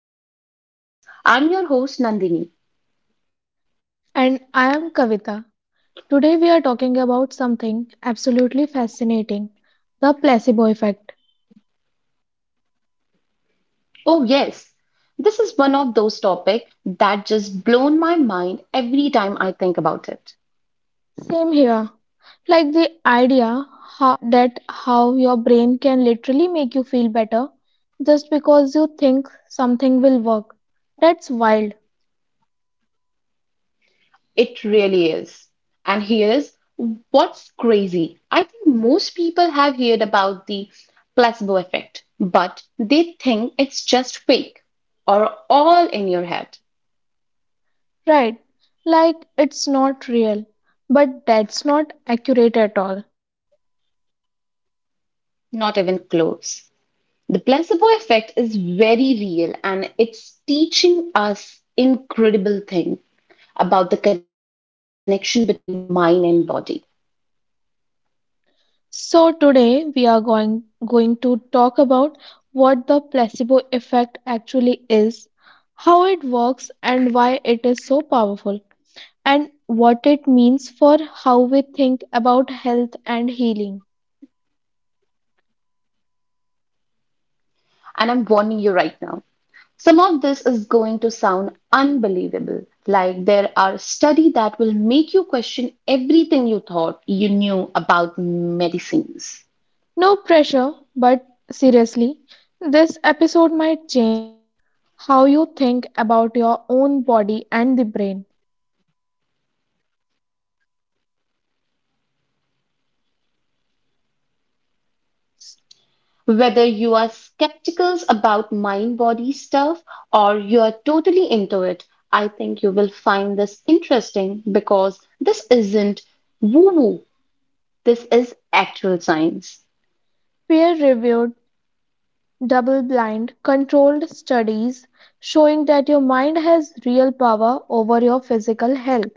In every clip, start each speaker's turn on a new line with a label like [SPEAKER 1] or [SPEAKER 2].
[SPEAKER 1] and welcome back to the Mind Matters. I'm your host, Nandini.
[SPEAKER 2] And I am Kavita. Today we are talking about something absolutely fascinating, the placebo effect.
[SPEAKER 1] Oh, yes, this is one of those topics that just blown my mind every time I think about it.
[SPEAKER 2] Same here. Like the idea that how your brain can literally make you feel better just because you think something will work. That's wild,
[SPEAKER 1] It really is. And here's what's crazy. I think most people have heard about the placebo effect, but they think it's just fake or all in your head.
[SPEAKER 2] right? Like it's not real, but that's not accurate at all.
[SPEAKER 1] Not even close. The placebo effect is very real and it's teaching us incredible thing about the connection between mind and body.
[SPEAKER 2] So today we are going to talk about what the placebo effect actually is, how it works and why it is so powerful, and what it means for how we think about health and healing.
[SPEAKER 1] And I'm warning you right now. Some of this is going to sound unbelievable. Like there are studies that will make you question everything you thought you knew about medicines.
[SPEAKER 2] No pressure, but seriously, this episode might change how you think about your own body and the brain.
[SPEAKER 1] Whether you are skeptical about mind body stuff or you are totally into it, I think you will find this interesting because this isn't woo woo, this is actual science.
[SPEAKER 2] Peer reviewed, double-blind, controlled studies showing that your mind has real power over your physical health.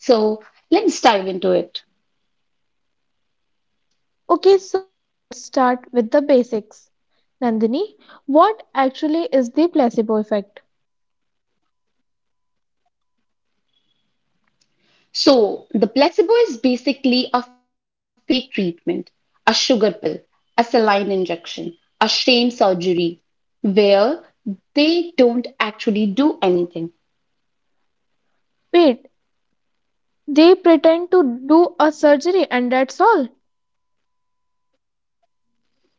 [SPEAKER 1] So let's dive into it.
[SPEAKER 2] Okay, so let's start with the basics. Nandini, what actually is the placebo effect?
[SPEAKER 1] So, the placebo is basically a fake treatment, a sugar pill, a saline injection, a sham surgery, where they don't actually do anything.
[SPEAKER 2] Wait, they pretend to do a surgery and that's all?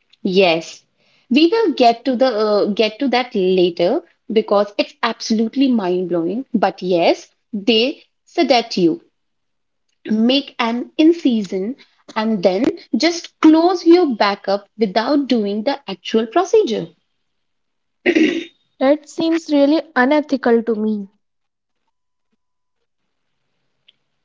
[SPEAKER 1] Yes, we will get to that later because it's absolutely mind-blowing. But yes, they sedate you, make an incision, and then just close you back up without doing the actual procedure.
[SPEAKER 2] That seems really unethical to me.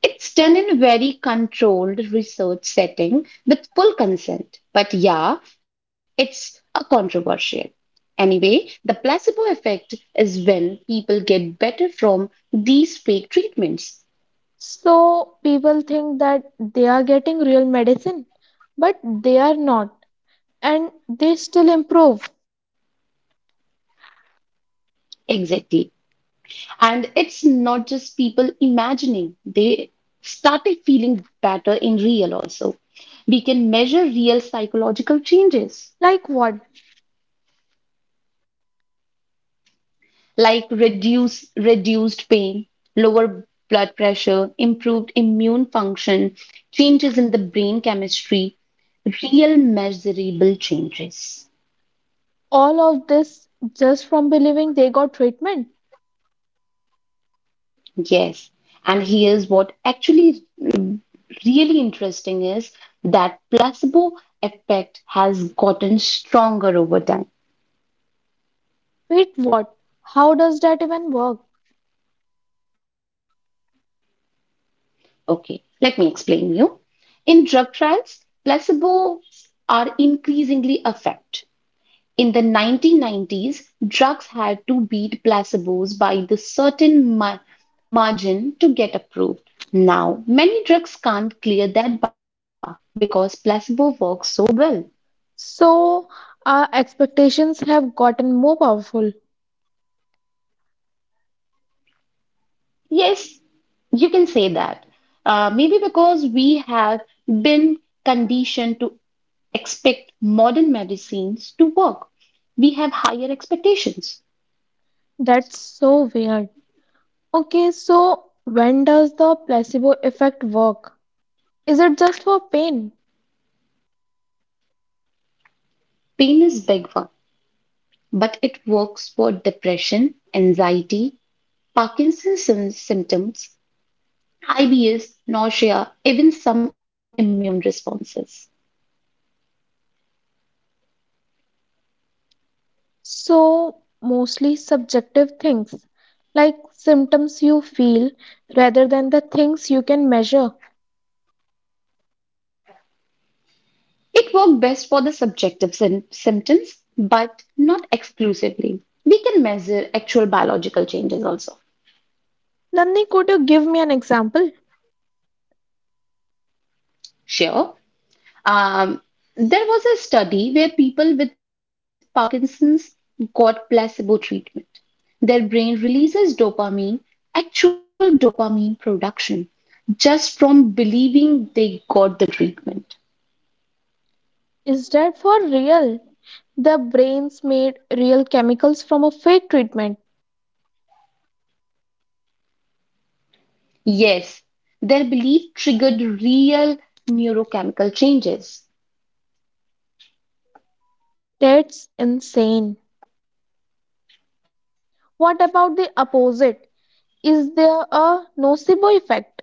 [SPEAKER 1] It's done in very controlled research setting with full consent. But yeah, it's a controversial. Anyway, the placebo effect is when people get better from these fake treatments.
[SPEAKER 2] So people think that they are getting real medicine, but they are not, and they still improve.
[SPEAKER 1] Exactly. And it's not just people imagining, they started feeling better in real also. We can measure real psychological changes.
[SPEAKER 2] Like what?
[SPEAKER 1] Like reduced pain, lower blood pressure, improved immune function, changes in the brain chemistry, real measurable changes.
[SPEAKER 2] All of this just from believing they got treatment.
[SPEAKER 1] Yes. And here's what actually really interesting is that placebo effect has gotten stronger over time.
[SPEAKER 2] Wait, what? How does that even work?
[SPEAKER 1] Okay, let me explain you. In drug trials, placebos are increasingly effective. In the 1990s, drugs had to beat placebos by the certain margin to get approved. Now, many drugs can't clear that bar because placebo works so well.
[SPEAKER 2] So, our expectations have gotten more powerful.
[SPEAKER 1] Yes, you can say that. Maybe because we have been conditioned to expect modern medicines to work. We have higher expectations.
[SPEAKER 2] That's so weird. Okay, so when does the placebo effect work? Is it just for pain?
[SPEAKER 1] Pain is big one, but it works for depression, anxiety, Parkinson's symptoms, IBS, nausea, even some immune responses.
[SPEAKER 2] So, mostly subjective things like symptoms you feel rather than the things you can measure.
[SPEAKER 1] It worked best for the subjective symptoms, but not exclusively. We can measure actual biological changes also.
[SPEAKER 2] Nandini, could you give me an example?
[SPEAKER 1] Sure. Um, there was a study where people with Parkinson's got placebo treatment. Their brain releases dopamine, actual dopamine production, just from believing they got the treatment.
[SPEAKER 2] Is that for real? The brains made real chemicals from a fake treatment.
[SPEAKER 1] Yes, their belief triggered real neurochemical changes.
[SPEAKER 2] That's insane. What about the opposite? Is there a nocebo effect?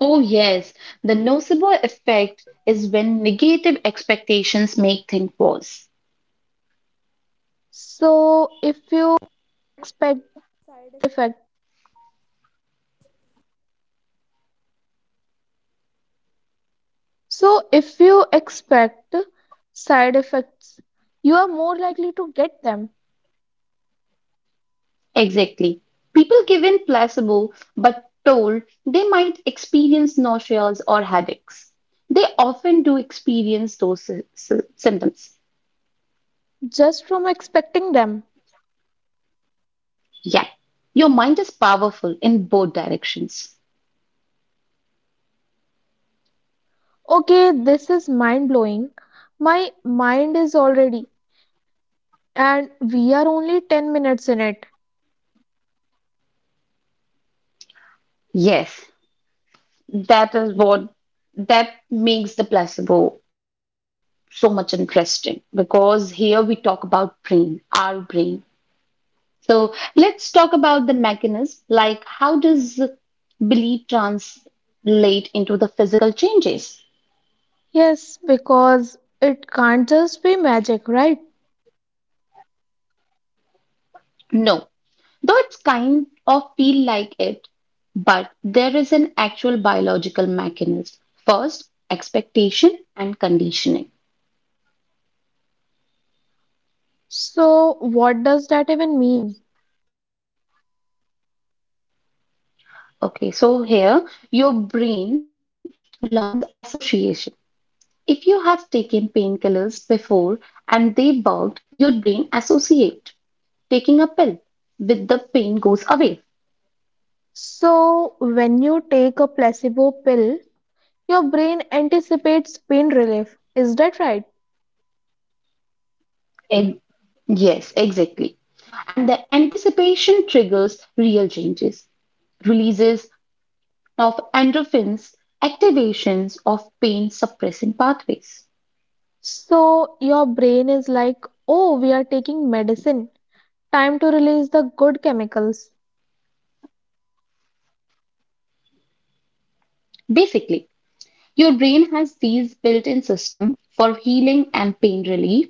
[SPEAKER 1] Oh, yes, the nocebo effect is when negative expectations make things worse. Exactly. People given placebo but told they might experience nauseas or headaches. They often do experience those symptoms. Yeah, your mind is powerful in both directions. Yes, that is what that makes the placebo so much interesting because here we talk about brain our brain. So let's talk about the mechanism, like how does belief translate into the physical changes? No, though it's kind of feel like it, but there is an actual biological mechanism. First, expectation and conditioning. Okay, so here your brain learns association. If you have taken painkillers before and they worked, your brain associate taking a pill with the pain goes away. Ex- yes, exactly. And the anticipation triggers real changes, releases of endorphins, activations of pain suppressing pathways. Basically, your brain has these built-in system for healing and pain relief.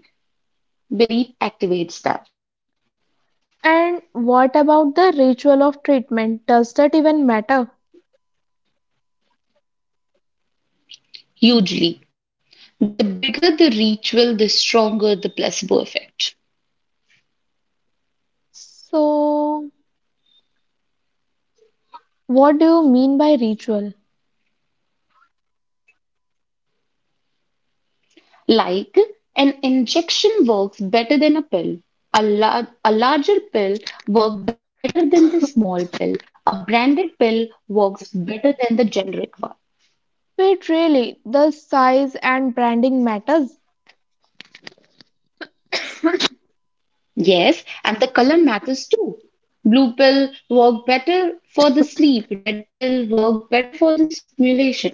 [SPEAKER 1] Belief activates that hugely. The bigger the ritual, the stronger the placebo effect. Like an injection works better than a pill. A larger pill works better than the small pill. A branded pill works better than the generic one. Yes, and the color matters too. Blue pill work better for the sleep, red pill work better for the stimulation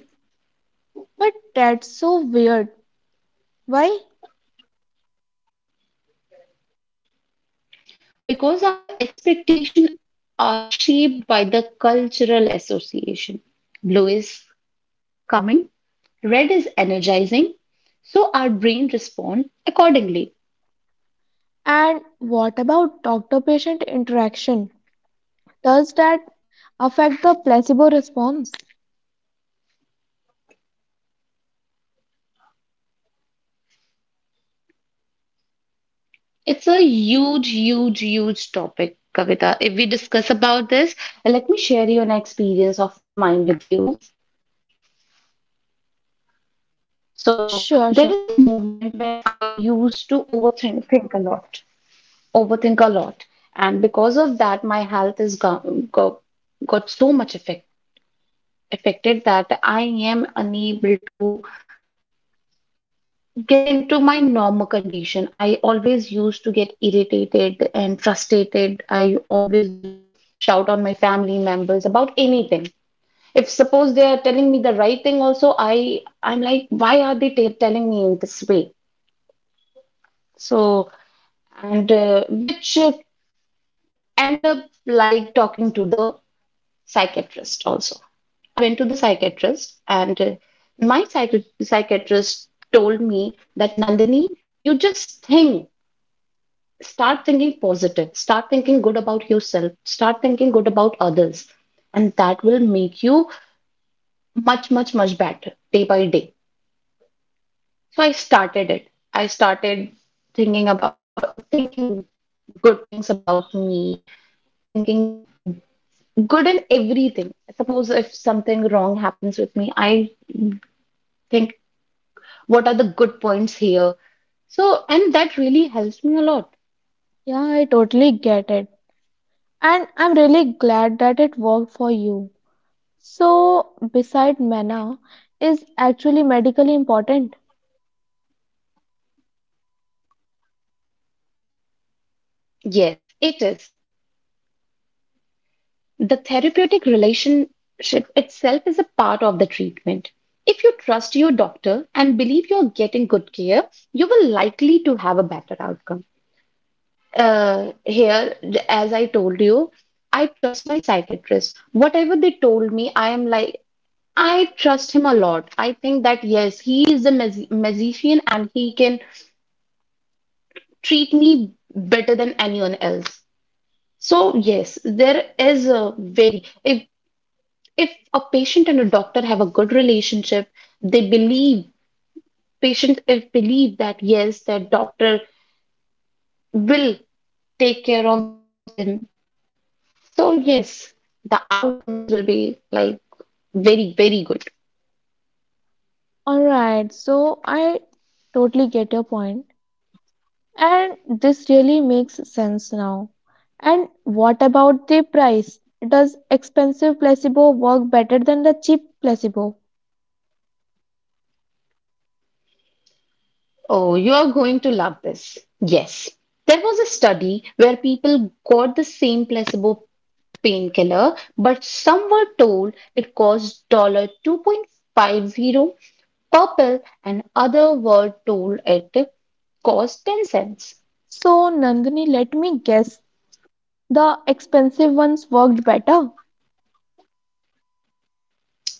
[SPEAKER 1] because our expectation are shaped by the cultural association. Blue is calming, red is energizing, so our brain respond accordingly. It's a huge, huge, huge topic, Kavita. If we discuss about this, let me share you an experience of mine with you. So there is a movement when I used to overthink think a lot, overthink a lot, and because of that, my health is got got, got so much affected that I am unable to get into my normal condition. I always used to get irritated and frustrated. I always used to shout on my family members about anything. If suppose they are telling me the right thing, also I'm like, why are they telling me in this way? So and which should end up like talking to the psychiatrist also. I went to the psychiatrist and my psychiatrist told me that Nandini, you just think start thinking positive, start thinking good about yourself, start thinking good about others, and that will make you much, much, much better day by day. So I started it. I started thinking good things about me, thinking good in everything. Suppose if something wrong happens with me, I think what are the good points here. So, and that really helps me a lot. Yes, it is. The therapeutic relationship itself is a part of the treatment. If you trust your doctor and believe you're getting good care, you will likely to have a better outcome. Here, as I told you, I trust my psychiatrist. Whatever they told me, I am like, I trust him a lot. I think that yes, he is a magician and he can treat me better than anyone else. So yes, there is a very if a patient and a doctor have a good relationship, they believe, patient if believe that yes, their doctor will take care of them. So yes, the outcomes will be like very, very good. Oh, you are going to love this. Yes. There was a study where people got the same placebo painkiller, but some were told it cost $2.50 per pill and other were told it cost 10¢.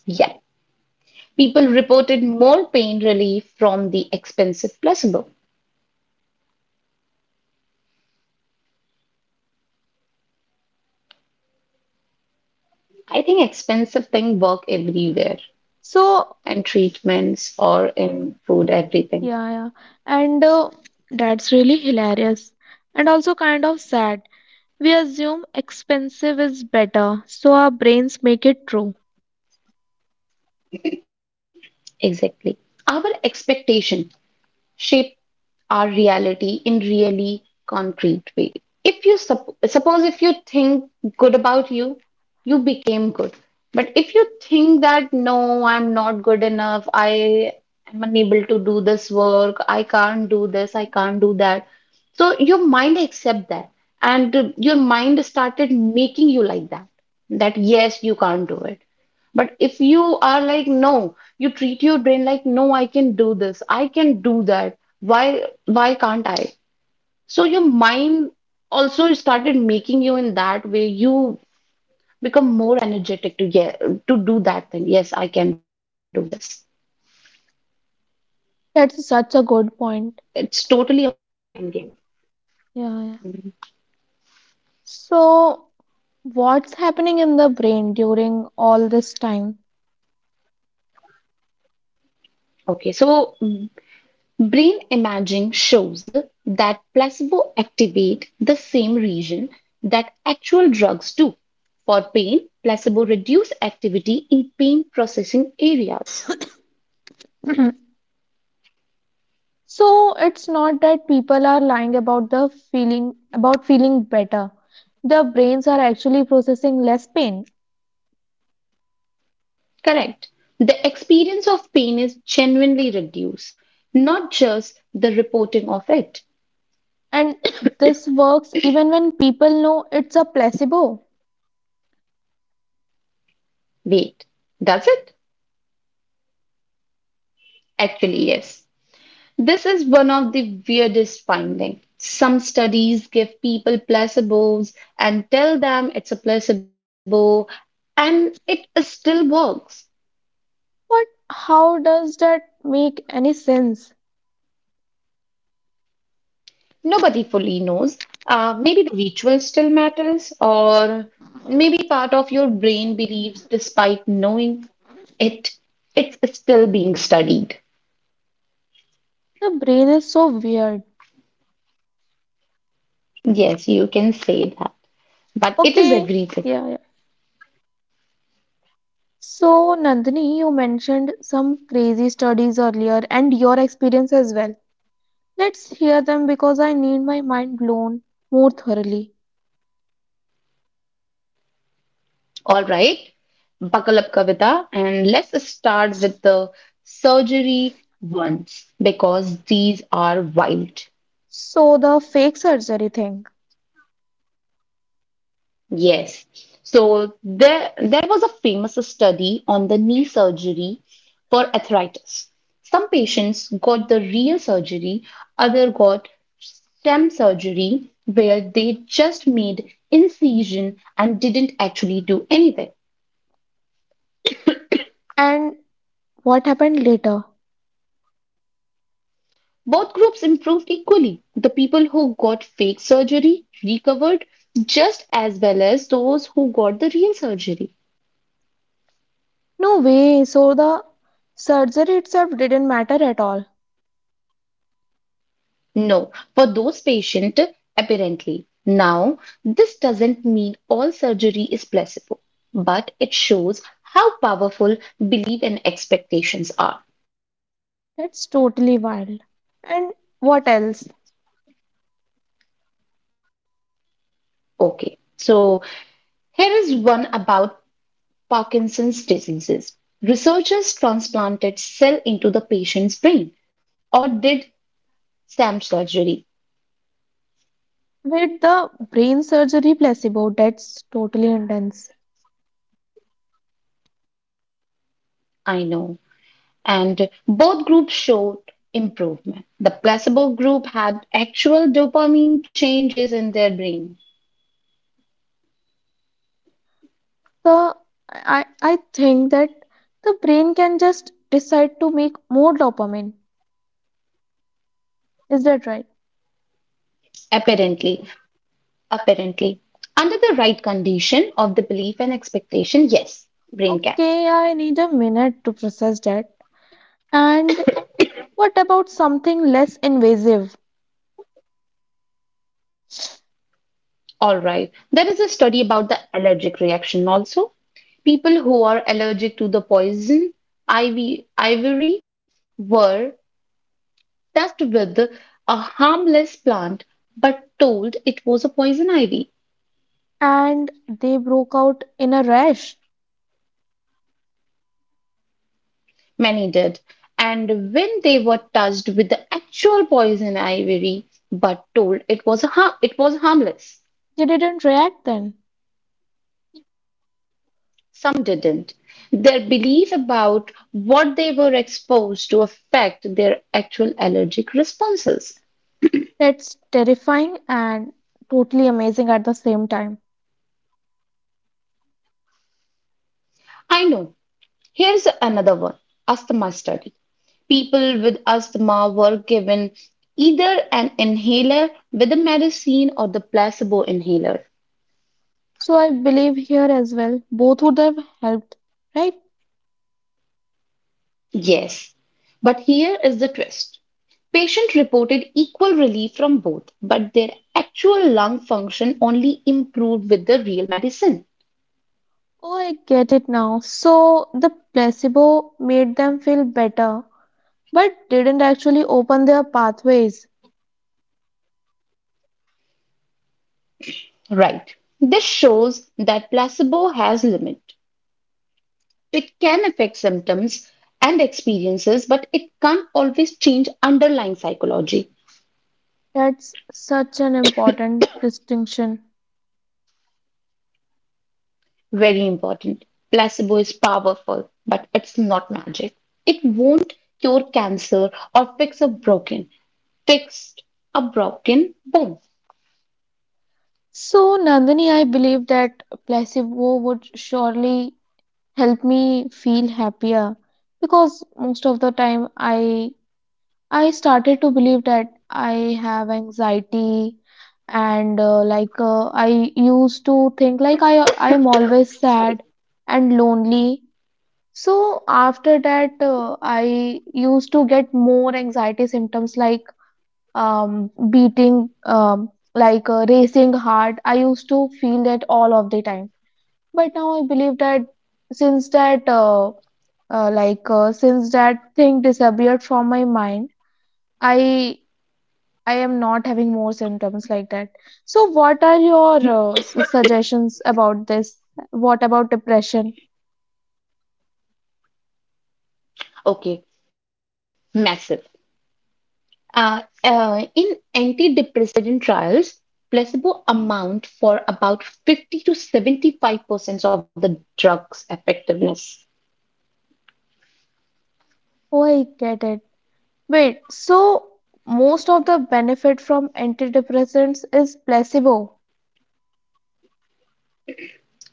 [SPEAKER 1] Yet, people reported more pain relief from the expensive placebo. I think expensive thing work everywhere and treatments or in food, everything. Exactly. Our expectation shape our reality in really concrete way. If you suppose if you think good about you, you became good, but if you think that no, I'm not good enough, I am unable to do this work, I can't do this, I can't do that, so your mind accept that. And uh, your mind started making you like that, that yes, you can't do it. But if you are like no, you treat your brain like no, I can do this, I can do that, why why can't I? So your mind also started making you in that way. You become more energetic to get to do that thing. Yes, I can do this. It's totally a mind game. Mhm. Okay, so mm, brain imaging shows that placebo activate the same region that actual drugs do. For pain, placebo reduce activity in pain processing areas. Correct. The experience of pain is genuinely reduced, not just the reporting of it. Wait, does it? Actually, yes. This is one of the weirdest findings. Some studies give people placebos and tell them it's a placebo and it still works. Nobody fully knows. Maybe the ritual still matters, or maybe part of your brain believes, despite knowing it, it's still being studied. Yes, you can say that. But it is everything. All right. Buckle up, Kavita, and let's start with the surgery ones because these are wild. Yes. So there was a famous study on the knee surgery for arthritis. Some patients got the real surgery, other got stem surgery where they just made incision and didn't actually do anything. Both groups improved equally. The people who got fake surgery recovered just as well as those who got the real surgery. No, for those patient, apparently. Now, this doesn't mean all surgery is placebo, but it shows how powerful belief and expectations are. Okay, so here is one about Parkinson's diseases. Researchers transplanted cell into the patient's brain or did stem surgery. I know. And both groups showed improvement. The placebo group had actual dopamine changes in their brain. Apparently, apparently. Under the right condition of the belief and expectation, yes, brain can. All right. There is a study about the allergic reaction also. People who are allergic to the poison ivy, ivory were tested with a harmless plant but told it was a poison ivy. Many did. And when they were touched with the actual poison ivory but told it was a it was harmless, some didn't. Their belief about what they were exposed to affect their actual allergic responses. I know. Here's another one, asthma study. People with asthma were given either an inhaler with a medicine or the placebo inhaler. Yes, but here is the twist. Patient reported equal relief from both, but their actual lung function only improved with the real medicine. Right. This shows that placebo has limit. It can affect symptoms and experiences, but it can't always change underlying psychology. Very important. Placebo is powerful, but it's not magic. It won't cure cancer or fix a broken bone. Sorry. Okay. Massive. In antidepressant trials, placebo amount for about 50 to 75% of the drug's effectiveness.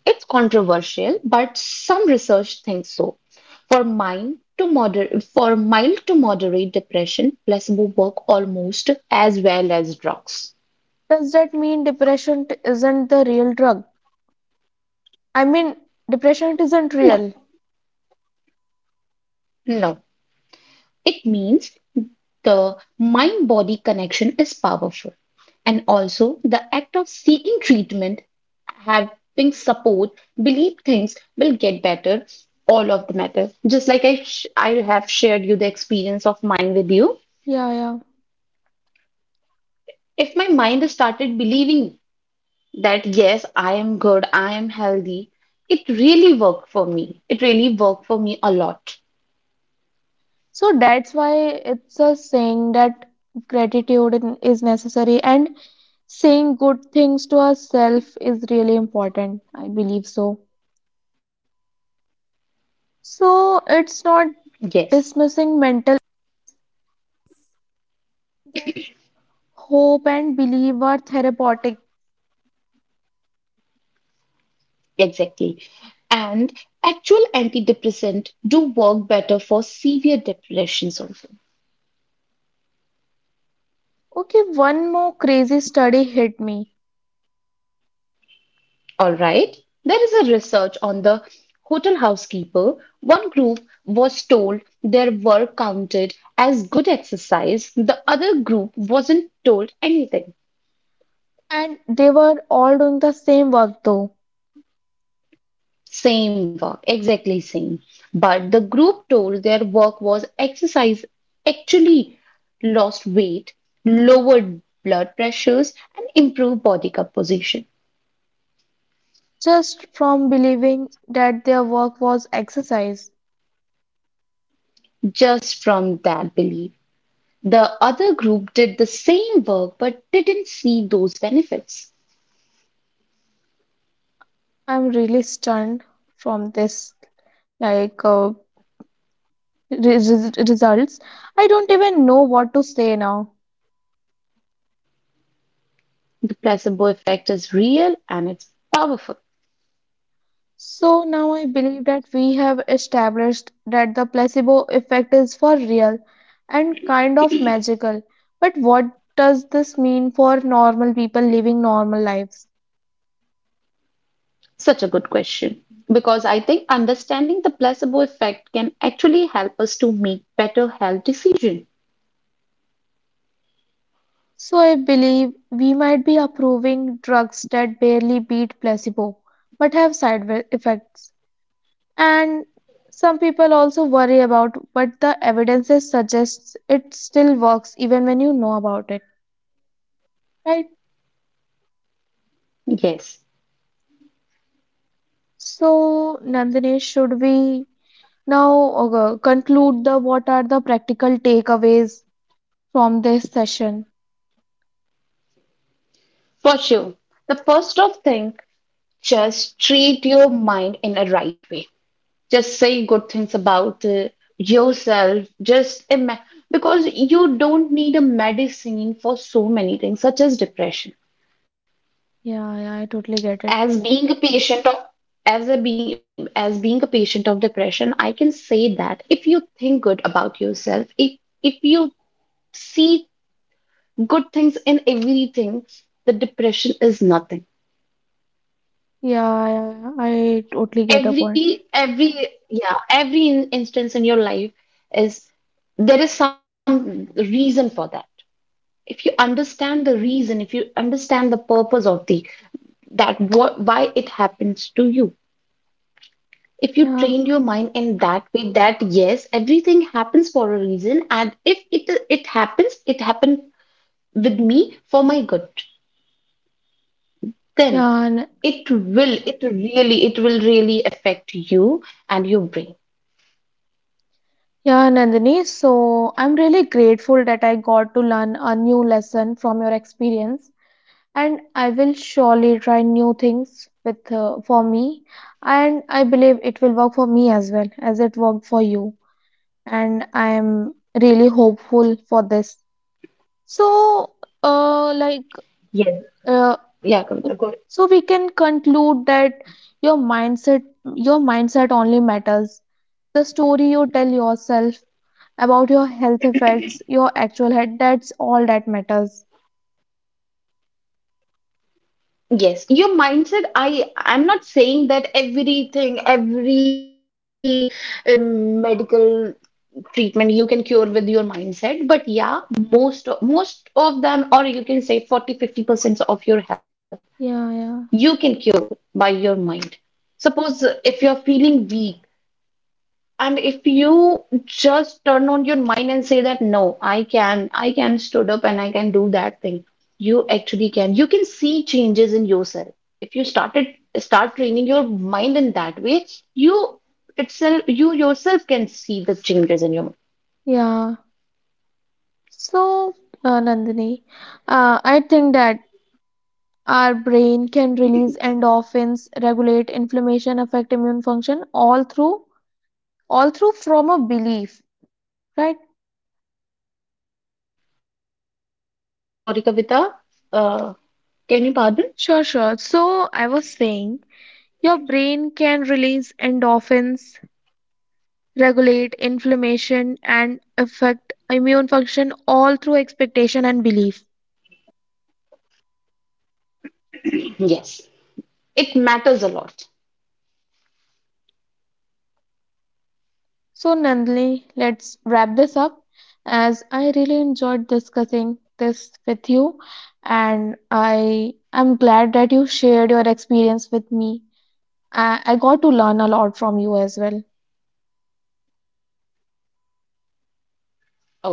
[SPEAKER 1] It's controversial, but some research thinks so. For mild to moderate depression, placebo work almost as well as drugs. No, no. It means the mind body connection is powerful. And also, the act of seeking treatment, having support, believe things will get better, all of the matter. Just like I have shared you the experience of mine with you. If my mind has started believing that, yes, I am good, I am healthy, it really worked for me. It really worked for me a lot. Yes. Exactly. And actual antidepressant do work better for severe depressions also. All right. There is a research on the hotel housekeeper. One group was told their work counted as good exercise. The other group wasn't told anything. Same work, exactly same. But the group told their work was exercise, actually lost weight, lowered blood pressures, and improved body composition. Just from that belief. The other group did the same work but didn't see those benefits. The placebo effect is real and it's powerful. Such a good question. Because I think understanding the placebo effect can actually help us to make better health decisions. Yes, for sure. The first of thing, just treat your mind in a right way. Just say good things about yourself. Because you don't need a medicine for so many things, such as depression. As being a patient of as a being as being a patient of depression, I can say that if you think good about yourself, if you see good things in everything, the depression is nothing. Every yeah instance in your life is there is some reason for that. If you understand the reason, if you understand the purpose of the that what why it happens to you, if you train your mind in that way that yes, everything happens for a reason, and if it happened with me for my good, then it will really affect you and your brain. Yes. Yeah, Kavita, yes, your mindset. I'm not saying that everything, every medical treatment you can cure with your mindset, but yeah, most of them, or you can say 40 50% of your health, you can cure by your mind. Suppose if you're feeling weak, and if you just turn on your mind and say that, no, I can stood up and I can do that thing, you actually can. You can see changes in yourself. If you start training your mind in that way, you itself, you yourself can see the changes in your mind. Sorry, Kavita, uh, can you pardon? Yes, it matters a lot.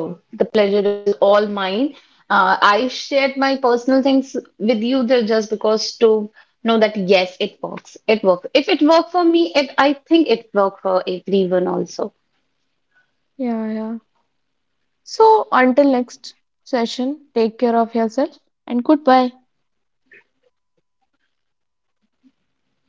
[SPEAKER 1] Oh, the pleasure is all mine. I shared my personal things with you there just because to know that yes, it works. It works. If it worked for me, it I think it worked for everyone also.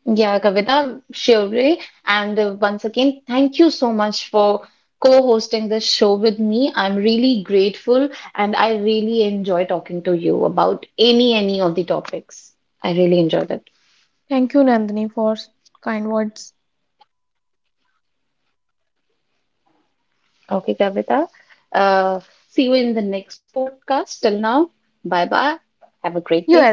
[SPEAKER 1] Yeah, Kavita, surely. And once again, thank you so much for co-hosting this show with me. I'm really grateful and I really enjoy talking to you about any of the topics. I really enjoyed it. Okay, Kavita. Uh, see you in the next podcast. Till now, bye bye. Have a great day.